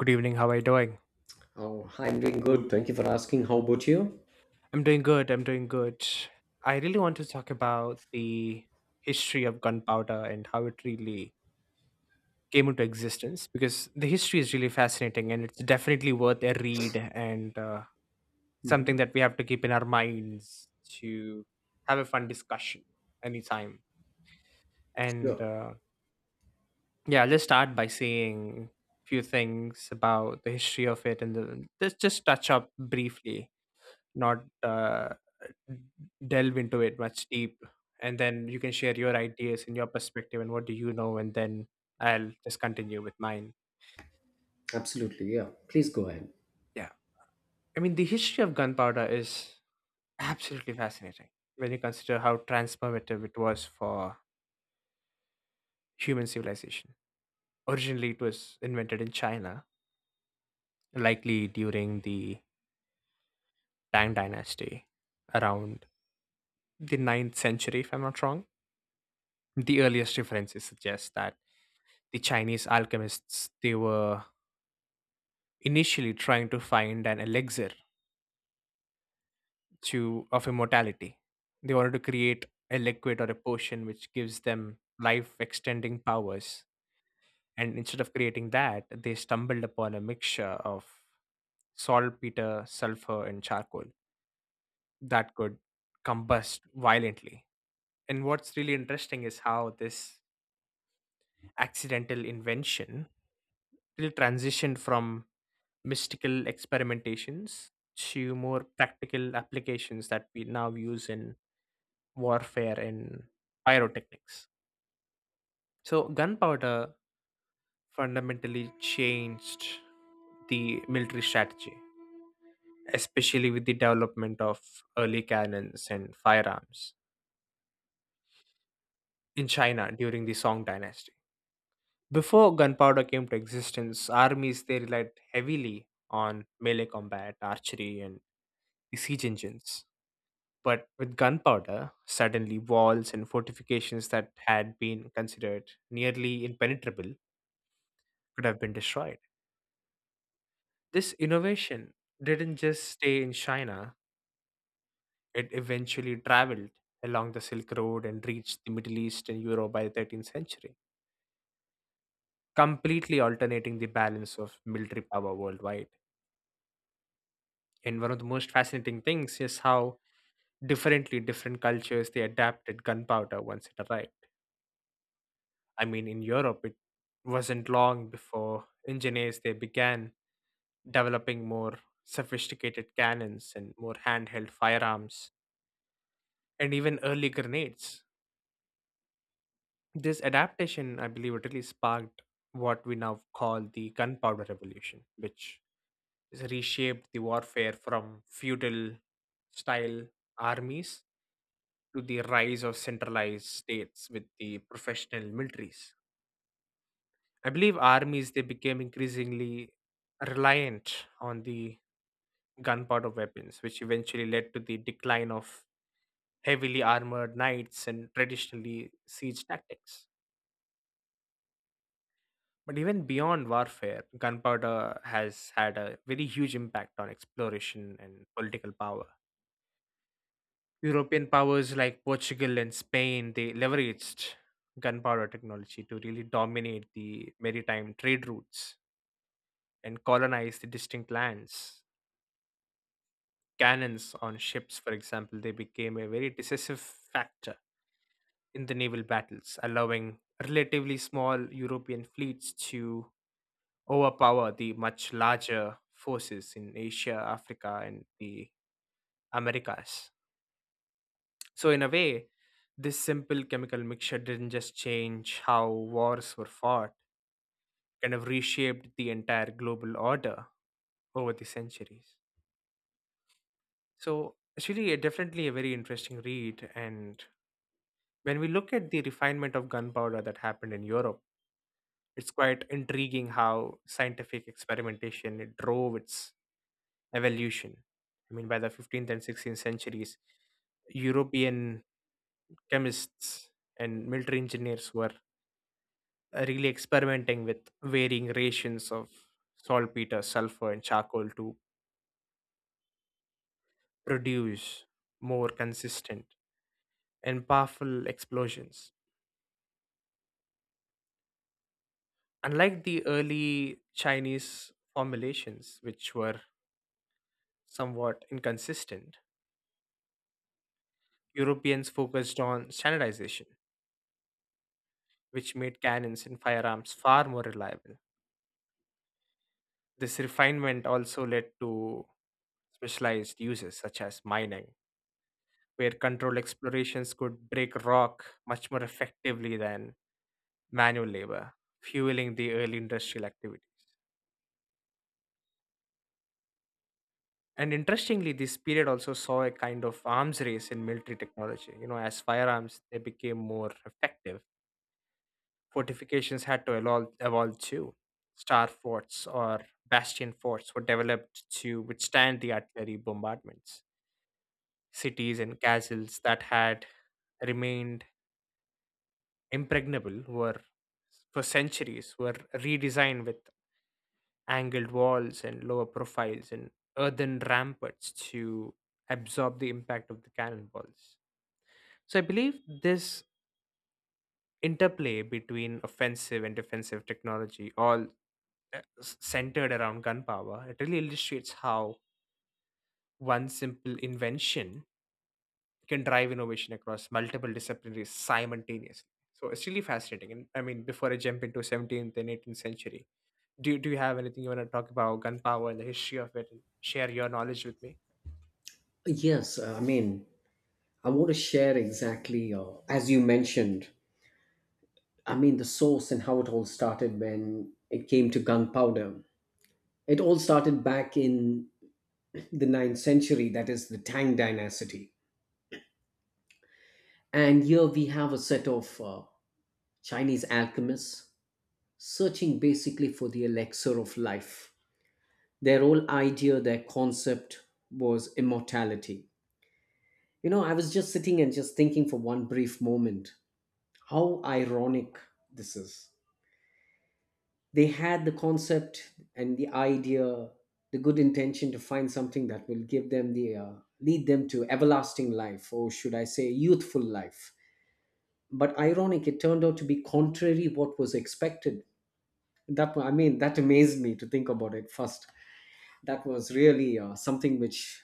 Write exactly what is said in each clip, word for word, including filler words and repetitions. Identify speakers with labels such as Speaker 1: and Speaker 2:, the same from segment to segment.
Speaker 1: Good evening. How are you doing?
Speaker 2: Oh, I'm doing good. Thank you for asking. How about you?
Speaker 1: I'm doing good. I'm doing good. I really want to talk about the history of gunpowder and how it really came into existence because the history is really fascinating and it's definitely worth a read, and uh, something that we have to keep in our minds to have a fun discussion anytime.
Speaker 2: Yeah,
Speaker 1: And uh, yeah, let's start by saying a few things about the history of it, and the, let's just touch up briefly, not uh, delve into it much deep, and then you can share your ideas and your perspective and what do you know, and then I'll just continue with mine.
Speaker 2: absolutely. Yeah, please go ahead.
Speaker 1: Yeah, i mean the history of gunpowder is absolutely fascinating when you consider how transformative it was for human civilization. Originally it was invented in China, likely during the Tang dynasty around the ninth century, if I'm not wrong. The earliest references suggest that the Chinese alchemists, they were initially trying to find an elixir to of immortality. They wanted to create a liquid or a potion which gives them life extending powers. And instead of creating that, they stumbled upon a mixture of saltpeter, sulfur, and charcoal that could combust violently. And what's really interesting is how this accidental invention really transitioned from mystical experimentations to more practical applications that we now use in warfare and pyrotechnics. So, gunpowder fundamentally changed the military strategy, especially with the development of early cannons and firearms in China during the Song dynasty. Before gunpowder came to existence, armies, they relied heavily on melee combat, archery, and the siege engines. But with gunpowder, suddenly walls and fortifications that had been considered nearly impenetrable could have been destroyed. This innovation didn't just stay in China, it eventually traveled along the Silk Road and reached the Middle East and Europe by the thirteenth century, completely alternating the balance of military power worldwide. And one of the most fascinating things is how differently different cultures they adapted gunpowder once it arrived. I mean, in Europe, it wasn't long before engineers, they began developing more sophisticated cannons and more handheld firearms and even early grenades. This adaptation, I believe, it really sparked what we now call the gunpowder revolution, which has reshaped the warfare from feudal style armies to the rise of centralized states with the professional militaries. I believe armies, they became increasingly reliant on the gunpowder weapons, which eventually led to the decline of heavily armored knights and traditionally siege tactics. But even beyond warfare, gunpowder has had a very huge impact on exploration and political power. European powers like Portugal and Spain, they leveraged gunpowder technology to really dominate the maritime trade routes and colonize the distinct lands. Cannons on ships, for example, they became a very decisive factor in the naval battles, allowing relatively small European fleets to overpower the much larger forces in Asia, Africa, and the Americas. So, in a way, this simple chemical mixture didn't just change how wars were fought, kind of reshaped the entire global order over the centuries. So, it's really a, definitely a very interesting read. And when we look at the refinement of gunpowder that happened in Europe, it's quite intriguing how scientific experimentation it drove its evolution. I mean, by the fifteenth and sixteenth centuries, European chemists and military engineers were uh, really experimenting with varying rations of saltpeter, sulfur, and charcoal to produce more consistent and powerful explosions. Unlike the early Chinese formulations, which were somewhat inconsistent, Europeans focused on standardization, which made cannons and firearms far more reliable. This refinement also led to specialized uses such as mining, where controlled explorations could break rock much more effectively than manual labor, fueling the early industrial activities. And interestingly, this period also saw a kind of arms race in military technology. You know, as firearms, they became more effective, fortifications had to evolve, evolve too. Star forts or bastion forts were developed to withstand the artillery bombardments. Cities and castles that had remained impregnable were for centuries were redesigned with angled walls and lower profiles and earthen ramparts to absorb the impact of the cannonballs. So I believe this interplay between offensive and defensive technology all uh, s- centered around gunpowder, it really illustrates how one simple invention can drive innovation across multiple disciplines simultaneously. So it's really fascinating. And I mean, before I jump into seventeenth and eighteenth century, do, do you have anything you want to talk about gunpowder and the history of it and share your knowledge with me?
Speaker 2: Yes, uh, I mean, I want to share exactly uh, as you mentioned. I mean, the source and how it all started when it came to gunpowder. It all started back in the ninth century, that is the Tang Dynasty. And here we have a set of uh, Chinese alchemists searching basically for the elixir of life. Their whole idea, their concept was immortality. You know, I was just sitting and just thinking for one brief moment how ironic this is. They had the concept and the idea, the good intention to find something that will give them the uh, lead them to everlasting life, or should I say, youthful life. But ironic, it turned out to be contrary what was expected. That wa- I mean, that amazed me to think about it first. That was really uh, something which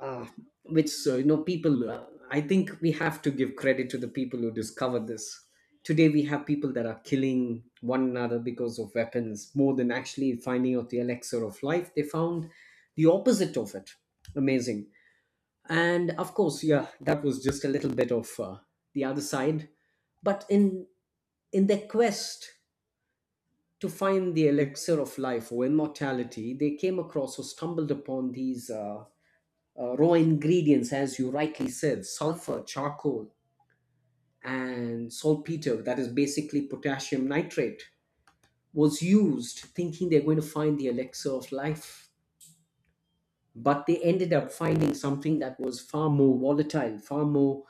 Speaker 2: uh, which uh, you know people uh, I think we have to give credit to the people who discovered this. Today we have people that are killing one another because of weapons more than actually finding out the elixir of life. They found the opposite of it. Amazing. And of course, yeah, that was just a little bit of uh, the other side. But in in their quest to find the elixir of life or immortality, they came across or stumbled upon these uh, uh, raw ingredients, as you rightly said, sulfur, charcoal, and saltpeter, that is basically potassium nitrate, was used thinking they're going to find the elixir of life. But they ended up finding something that was far more volatile, far more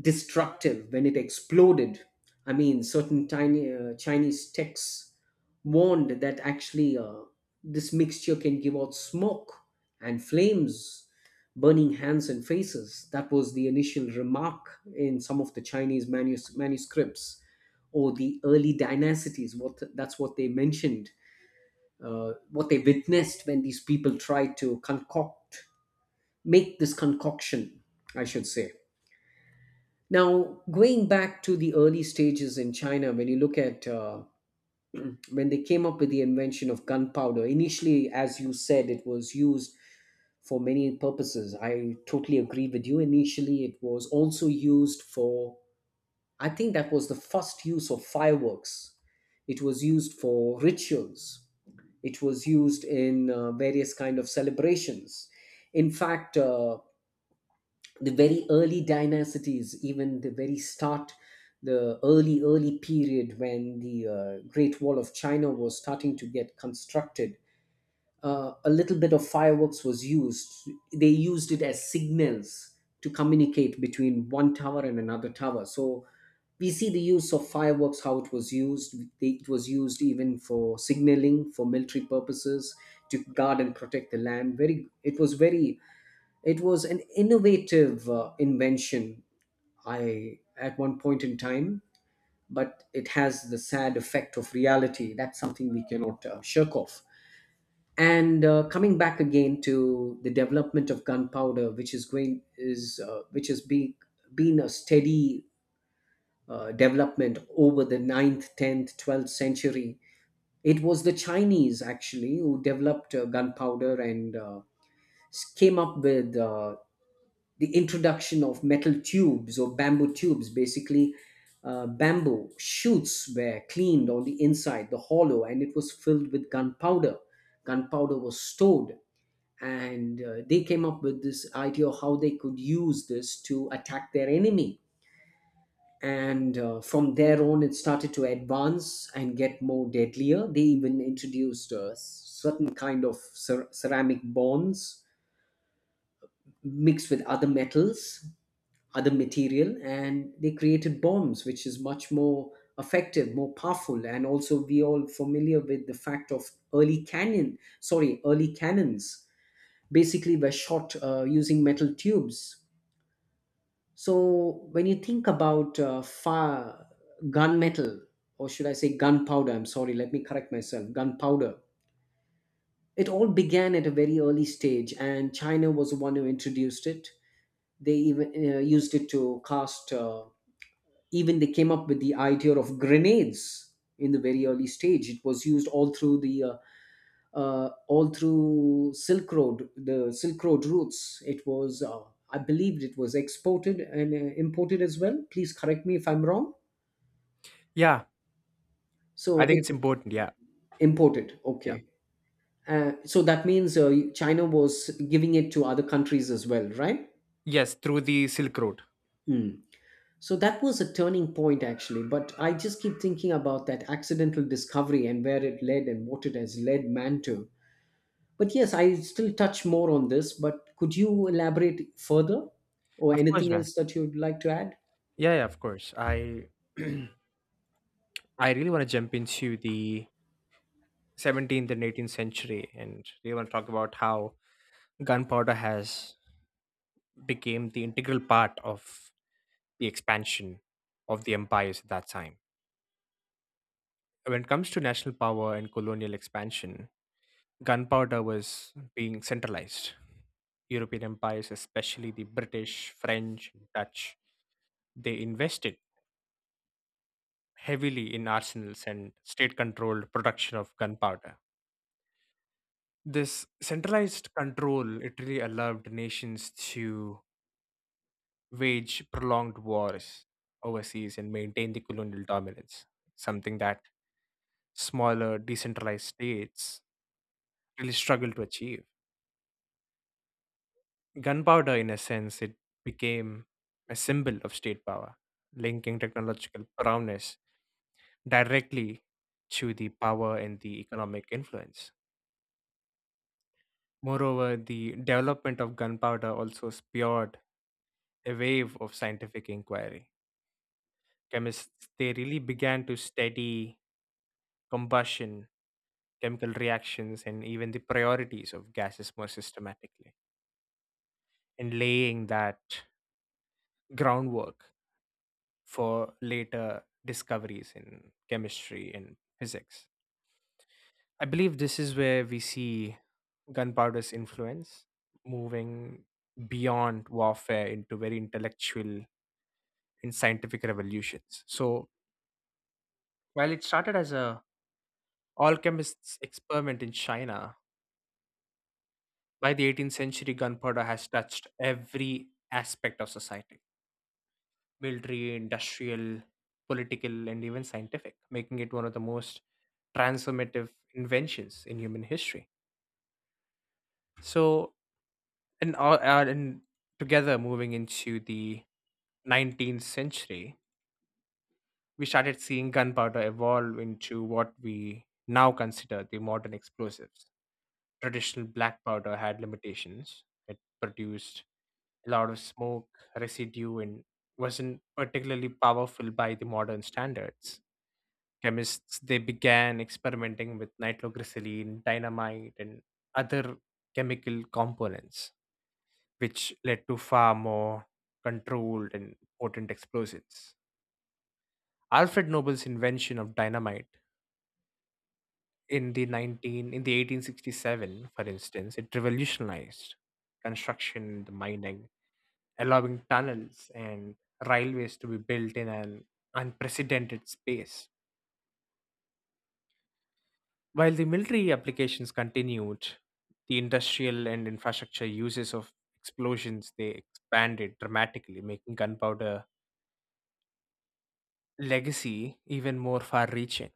Speaker 2: destructive when it exploded. I mean, certain tiny, uh, Chinese texts warned that actually uh, this mixture can give out smoke and flames, burning hands and faces. That was the initial remark in some of the Chinese manus- manuscripts or the early dynasties. What that's what they mentioned, uh, what they witnessed when these people tried to concoct, make this concoction, I should say. Now, going back to the early stages in China, when you look at uh, when they came up with the invention of gunpowder, initially, as you said, it was used for many purposes. I totally agree with you. Initially, it was also used for, I think that was the first use of fireworks. It was used for rituals. It was used in uh, various kind of celebrations. In fact, uh, the very early dynasties, even the very start, the early, early period when the uh, Great Wall of China was starting to get constructed, uh, a little bit of fireworks was used. They used it as signals to communicate between one tower and another tower. So we see the use of fireworks, how it was used. They- It was used even for signaling, for military purposes, to guard and protect the land. Very, it was very it was an innovative uh, invention I at one point in time, but it has the sad effect of reality. That's something we cannot uh, shirk off. And uh, coming back again to the development of gunpowder, which is going is uh, which has been been a steady uh, development over the ninth, tenth, twelfth century. It was the Chinese actually who developed uh, gunpowder and uh, s- came up with uh, the introduction of metal tubes or bamboo tubes. Basically, uh, bamboo shoots were cleaned on the inside, the hollow, and it was filled with gunpowder. Gunpowder was stored, and uh, they came up with this idea of how they could use this to attack their enemy. And uh, from there on, it started to advance and get more deadlier. They even introduced uh, certain kind of cer- ceramic bonds mixed with other metals, other material, and they created bombs which is much more effective, more powerful. And also, we all familiar with the fact of early cannon sorry early cannons basically were shot uh, using metal tubes. So when you think about uh, fire gunmetal or should I say gunpowder I'm sorry let me correct myself gunpowder, it all began at a very early stage, and China was the one who introduced it. They even uh, used it to cast uh, even they came up with the idea of grenades in the very early stage. It was used all through the uh, uh, all through silk road the Silk Road routes. It was uh, I believed it was exported and uh, imported as well. Please correct me if I'm wrong.
Speaker 1: Yeah, I
Speaker 2: So
Speaker 1: think
Speaker 2: it
Speaker 1: it's important. Yeah,
Speaker 2: imported,
Speaker 1: yeah.
Speaker 2: okay. uh, so that means uh, China was giving it to other countries as well, right?
Speaker 1: Yes, through the Silk Road.
Speaker 2: Hmm. So that was a turning point actually, but I just keep thinking about that accidental discovery and where it led and what it has led man to. But yes, I still touch more on this, but could you elaborate further or
Speaker 1: Of course,
Speaker 2: anything
Speaker 1: man.
Speaker 2: else that you'd like to add?
Speaker 1: Yeah, yeah, of course. I I really want to jump into the seventeenth and eighteenth century and really want to talk about how gunpowder has became the integral part of the expansion of the empires at that time. When it comes to national power and colonial expansion, gunpowder was being centralized. European empires, especially the British, French, Dutch, they invested heavily in arsenals and state controlled production of gunpowder. This centralized control it really allowed nations to wage prolonged wars overseas and maintain the colonial dominance, something that smaller, decentralized states really struggled to achieve. Gunpowder, in a sense, it became a symbol of state power, linking technological prowess directly to the power and the economic influence. Moreover, the development of gunpowder also spurred a wave of scientific inquiry. Chemists, they really began to study combustion, chemical reactions, and even the priorities of gases more systematically, and laying that groundwork for later discoveries in chemistry and physics. I believe this is where we see gunpowder's influence moving beyond warfare into very intellectual and scientific revolutions. So while it started as a alchemist's experiment in China, by the eighteenth century, gunpowder has touched every aspect of society: military, industrial, political, and even scientific, making it one of the most transformative inventions in human history. So, and, all- uh, and together moving into the nineteenth century, we started seeing gunpowder evolve into what we now consider the modern explosives. Traditional black powder had limitations. It produced a lot of smoke, residue, and wasn't particularly powerful by the modern standards. Chemists, they began experimenting with nitroglycerin, dynamite, and other chemical components, which led to far more controlled and potent explosives. Alfred Nobel's invention of dynamite in the nineteen in the eighteen sixty-seven, for instance, it revolutionized construction, the mining, allowing tunnels and railways to be built in an unprecedented space. While the military applications continued, the industrial and infrastructure uses of explosions they expanded dramatically, making gunpowder legacy even more far-reaching.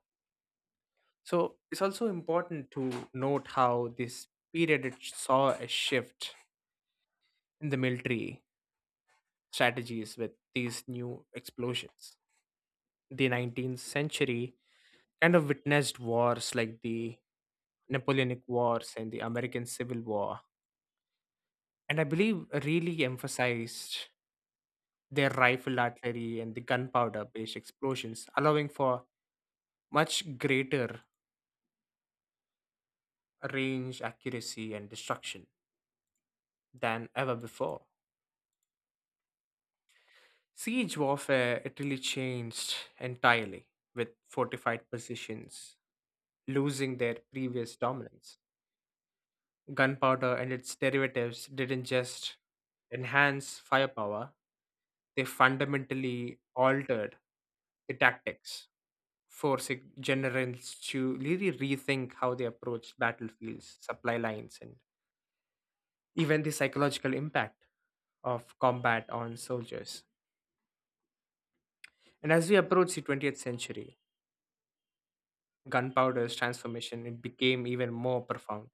Speaker 1: So it's also important to note how this period it saw a shift in the military strategies with these new explosions. The nineteenth century kind of witnessed wars like the Napoleonic Wars and the American Civil War, and I believe really emphasized their rifle artillery and the gunpowder based explosions, allowing for much greater range, accuracy, and destruction than ever before. Siege warfare, it really changed entirely with fortified positions losing their previous dominance. Gunpowder and its derivatives didn't just enhance firepower, they fundamentally altered the tactics, forcing generals to really rethink how they approach battlefields, supply lines, and even the psychological impact of combat on soldiers. And as we approach the twentieth century, gunpowder's transformation it became even more profound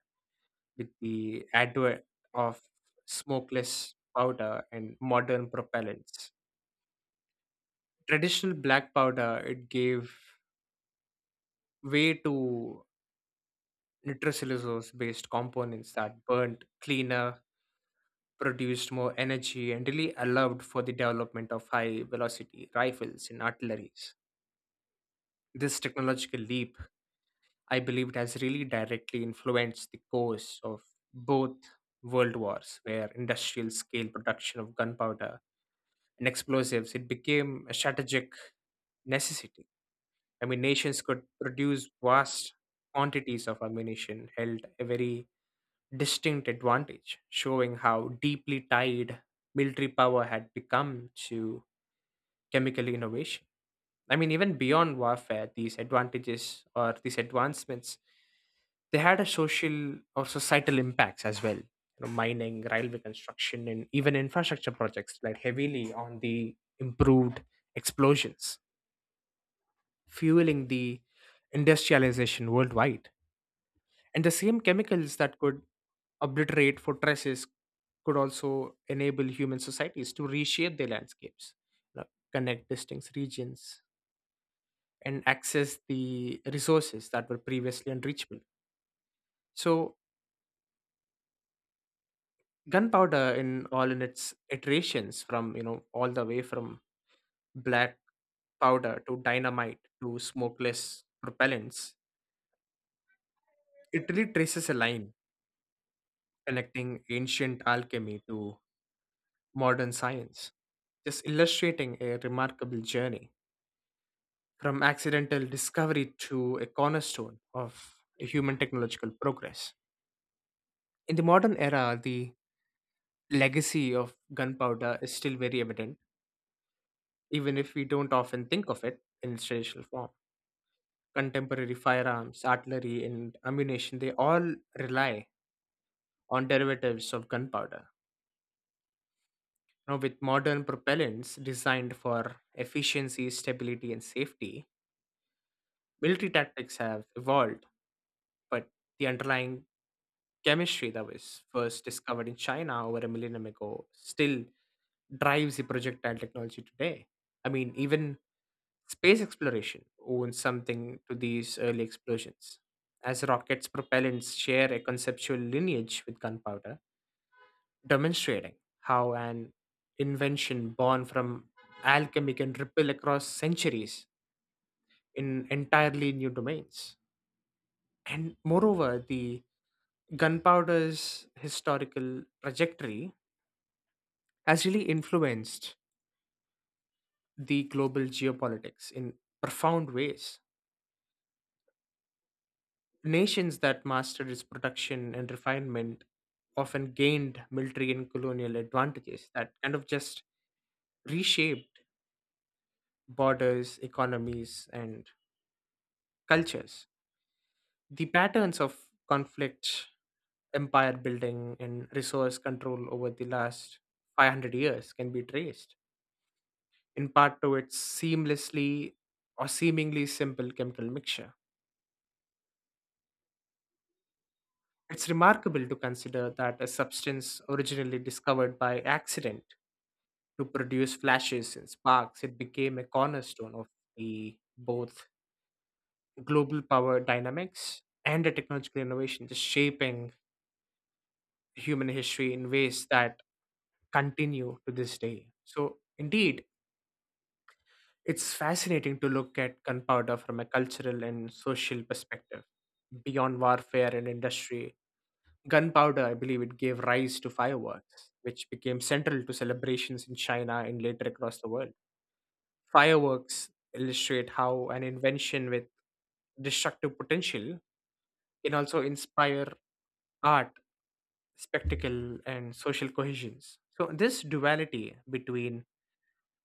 Speaker 1: with the advent of smokeless powder and modern propellants. Traditional black powder it gave way to nitrocellulose based components that burned cleaner, produced more energy, and really allowed for the development of high velocity rifles and artilleries. This technological leap, I believed, has really directly influenced the course of both world wars, where industrial scale production of gunpowder and explosives it became a strategic necessity. I mean, nations could produce vast quantities of ammunition, held a very distinct advantage, showing how deeply tied military power had become to chemical innovation. I mean, even beyond warfare, these advantages or these advancements, they had a social or societal impacts as well. You know, mining, railway construction, and even infrastructure projects relied heavily on the improved explosions, fueling the industrialization worldwide. And the same chemicals that could obliterate fortresses could also enable human societies to reshape their landscapes, you know, connect distinct regions, and access the resources that were previously unreachable. So gunpowder in all in its iterations, from you know all the way from black powder to dynamite to smokeless propellants, it really traces a line connecting ancient alchemy to modern science, just illustrating a remarkable journey from accidental discovery to a cornerstone of human technological progress. In the modern era, the legacy of gunpowder is still very evident, even if we don't often think of it in its traditional form. Contemporary firearms, artillery, and ammunition, they all rely on derivatives of gunpowder. Now, with modern propellants designed for efficiency, stability, and safety, military tactics have evolved, but the underlying chemistry that was first discovered in China over a millennium ago still drives the projectile technology today. I mean, even space exploration owes something to these early explosions, as rockets' propellants share a conceptual lineage with gunpowder, demonstrating how an invention born from alchemy can ripple across centuries in entirely new domains. And moreover, the gunpowder's historical trajectory has really influenced the global geopolitics in profound ways. Nations that mastered its production and refinement often gained military and colonial advantages that kind of just reshaped borders, economies, and cultures. The patterns of conflict, empire building, and resource control over the last five hundred years can be traced in part to its seamlessly or seemingly simple chemical mixture. It's remarkable to consider that a substance originally discovered by accident to produce flashes and sparks, it became a cornerstone of the both global power dynamics and the technological innovation, just shaping human history in ways that continue to this day. So, indeed, it's fascinating to look at gunpowder from a cultural and social perspective. Beyond warfare and industry, gunpowder, I believe, it gave rise to fireworks, which became central to celebrations in China and later across the world. Fireworks illustrate how an invention with destructive potential can also inspire art, spectacle, and social cohesions. So, this duality between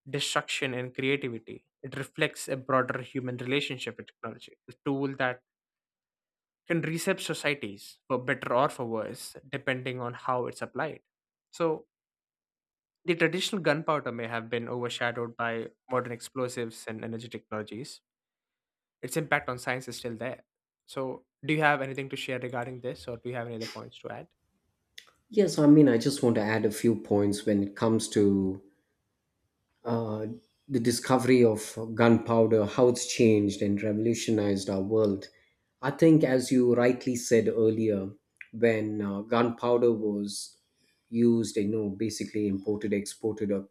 Speaker 1: destruction and creativity, it reflects a broader human relationship with technology, a tool that can reshape societies for better or for worse depending on how it's applied. So the traditional gunpowder may have been overshadowed by modern explosives and energy technologies, its impact on science is still there. So, do you have anything to share regarding this, or do you have any other points to add?
Speaker 2: Yes, I mean, I just want to add a few points when it comes to uh, the discovery of gunpowder, how it's changed and revolutionized our world. I think, as you rightly said earlier, when uh, gunpowder was used, you know, basically imported, exported a-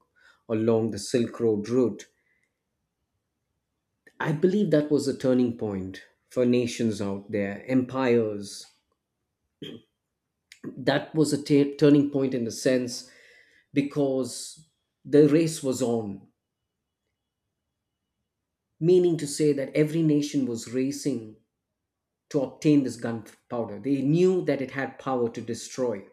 Speaker 2: along the Silk Road route. I believe that was a turning point for nations out there, empires. That was a ta- turning point in a sense because the race was on, meaning to say that every nation was racing to obtain this gunpowder. They knew that it had power to destroy.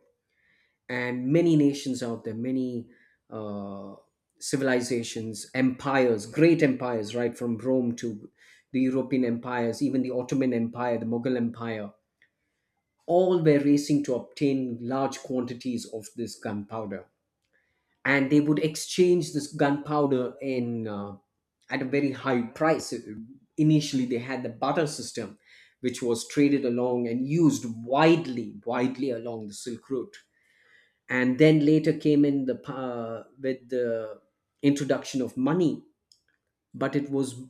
Speaker 2: And many nations out there, many uh, civilizations, empires, great empires, right from Rome to the European empires, even the Ottoman Empire, the Mughal Empire, all were racing to obtain large quantities of this gunpowder. And they would exchange this gunpowder in uh, at a very high price. Initially, they had the barter system, which was traded along and used widely, widely along the Silk Route. And then later came in the uh, with the introduction of money, but it was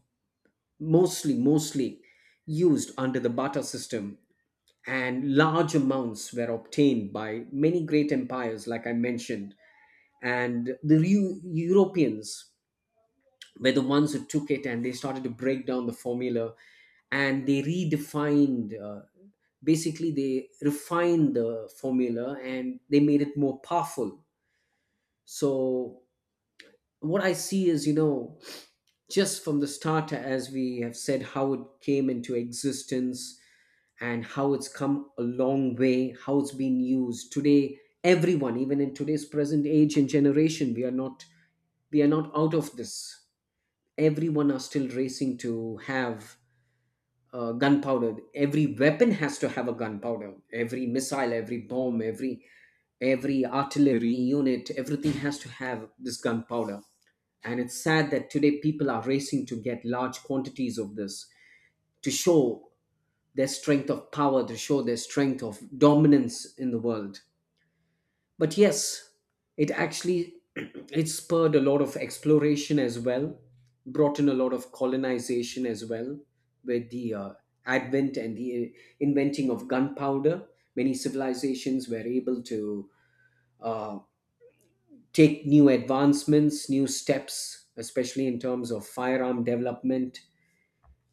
Speaker 2: mostly mostly used under the barter system. And large amounts were obtained by many great empires like I mentioned. And the Eu- europeans were the ones who took it, and they started to break down the formula. And they redefined uh, basically they refined the formula, and they made it more powerful. So what I see is, you know, just from the start, as we have said, how it came into existence and how it's come a long way, how it's been used today. Everyone, even in today's present age and generation, we are not we are not out of this. Everyone are still racing to have uh, gunpowder. Every weapon has to have a gunpowder. Every missile, every bomb, every every artillery unit, everything has to have this gunpowder. And it's sad that today people are racing to get large quantities of this to show their strength of power, to show their strength of dominance in the world. But yes, it actually it spurred a lot of exploration as well, brought in a lot of colonization as well, with the uh, advent and the uh, inventing of gunpowder. Many civilizations were able to uh, take new advancements, new steps, especially in terms of firearm development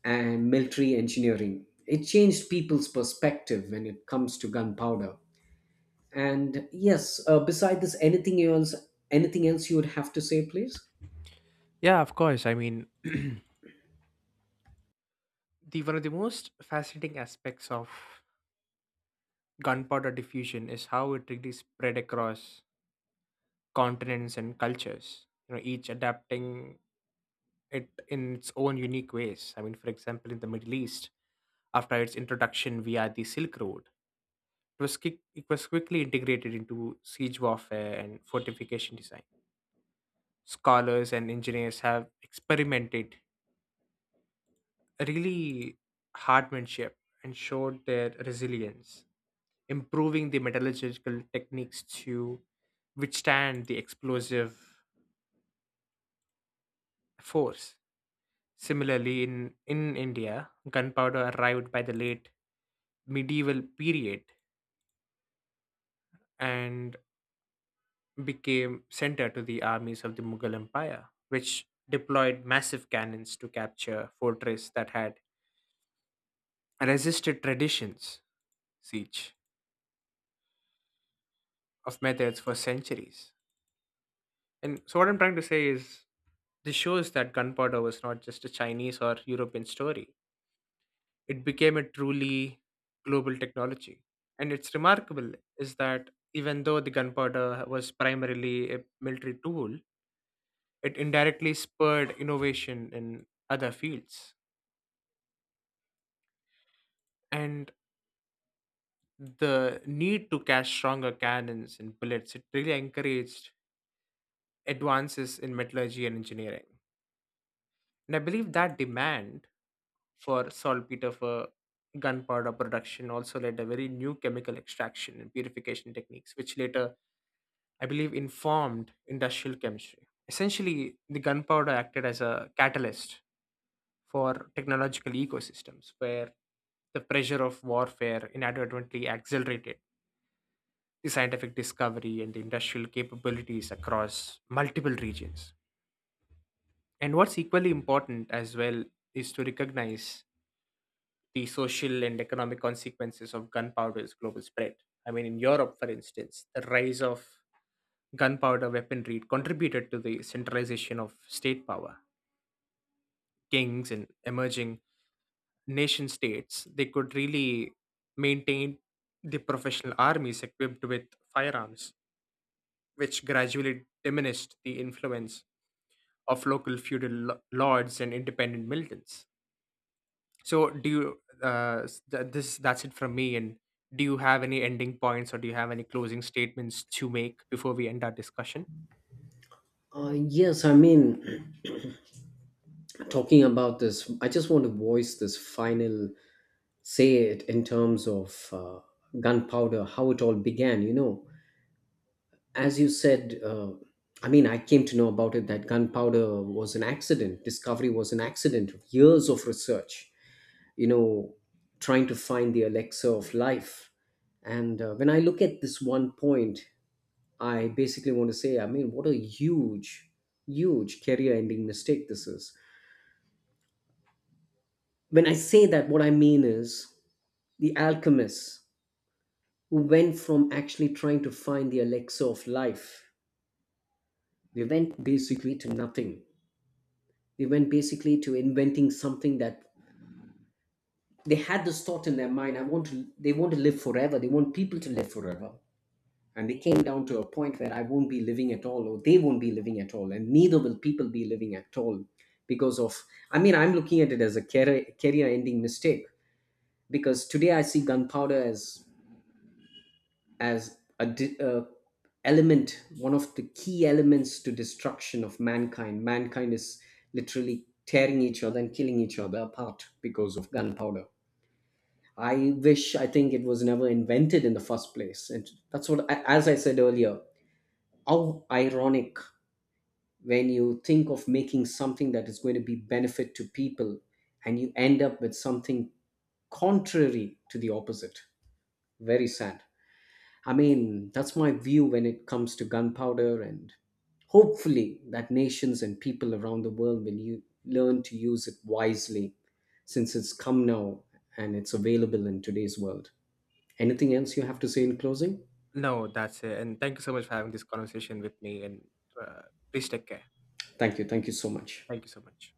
Speaker 2: and military engineering. It changed people's perspective when it comes to gunpowder. And yes, uh, beside this, anything else? Anything else you would have to say, please?
Speaker 1: Yeah, of course. I mean, the one of the most fascinating aspects of gunpowder diffusion is how it really spread across continents and cultures. You know, each adapting it in its own unique ways. I mean, for example, in the Middle East, after its introduction via the Silk Road, it was, quick, it was quickly integrated into siege warfare and fortification design. Scholars and engineers have experimented really hardmanship and showed their resilience, improving the metallurgical techniques to withstand the explosive force. Similarly, in, in India, gunpowder arrived by the late medieval period and became center to the armies of the Mughal Empire, which deployed massive cannons to capture fortress that had resisted traditions siege of methods for centuries. And so, what I'm trying to say is, this shows that gunpowder was not just a Chinese or European story. It became a truly global technology. And it's remarkable is that even though the gunpowder was primarily a military tool, it indirectly spurred innovation in other fields. And the need to cash stronger cannons and bullets, it really encouraged advances in metallurgy and engineering. And I believe that demand for saltpeter for gunpowder production also led a very new chemical extraction and purification techniques, which later, I believe, informed industrial chemistry. Essentially, the gunpowder acted as a catalyst for technological ecosystems where the pressure of warfare inadvertently accelerated the scientific discovery and the industrial capabilities across multiple regions. And what's equally important as well is to recognize the social and economic consequences of gunpowder's global spread. I mean, in Europe, for instance, the rise of gunpowder weaponry contributed to the centralization of state power. Kings and emerging nation states, they could really maintain the professional armies equipped with firearms, which gradually diminished the influence of local feudal lo- lords and independent militants. So do you uh s- th- this that's it from me, and do you have any ending points or do you have any closing statements to make before we end our discussion?
Speaker 2: Uh, yes, I mean, talking about this, I just want to voice this final say it in terms of uh, gunpowder, how it all began. You know, as you said, uh, I mean, I came to know about it that gunpowder was an accident, discovery was an accident of years of research, you know, trying to find the Alexa of life. And uh, when I look at this one point, I basically want to say, I mean, what a huge, huge career ending mistake this is. When I say that, what I mean is the alchemists who went from actually trying to find the Alexa of life, they went basically to nothing. They went basically to inventing something that they had this thought in their mind. I want to, they want to live forever. They want people to live forever, and they came down to a point where I won't be living at all, or they won't be living at all, and neither will people be living at all because of. I mean, I'm looking at it as a career career ending mistake, because today I see gunpowder as as a, di- a element, one of the key elements to destruction of mankind. Mankind is literally tearing each other and killing each other apart because of gunpowder. I wish, I think it was never invented in the first place, and that's what, I- as I said earlier, how ironic when you think of making something that is going to be benefit to people and you end up with something contrary to the opposite. Very sad. I mean, that's my view when it comes to gunpowder, and hopefully that nations and people around the world will you learn to use it wisely since it's come now and it's available in today's world. Anything else you have to say in closing?
Speaker 1: No, that's it. And thank you so much for having this conversation with me, and uh, please take care.
Speaker 2: Thank you, thank you so much.
Speaker 1: Thank you so much.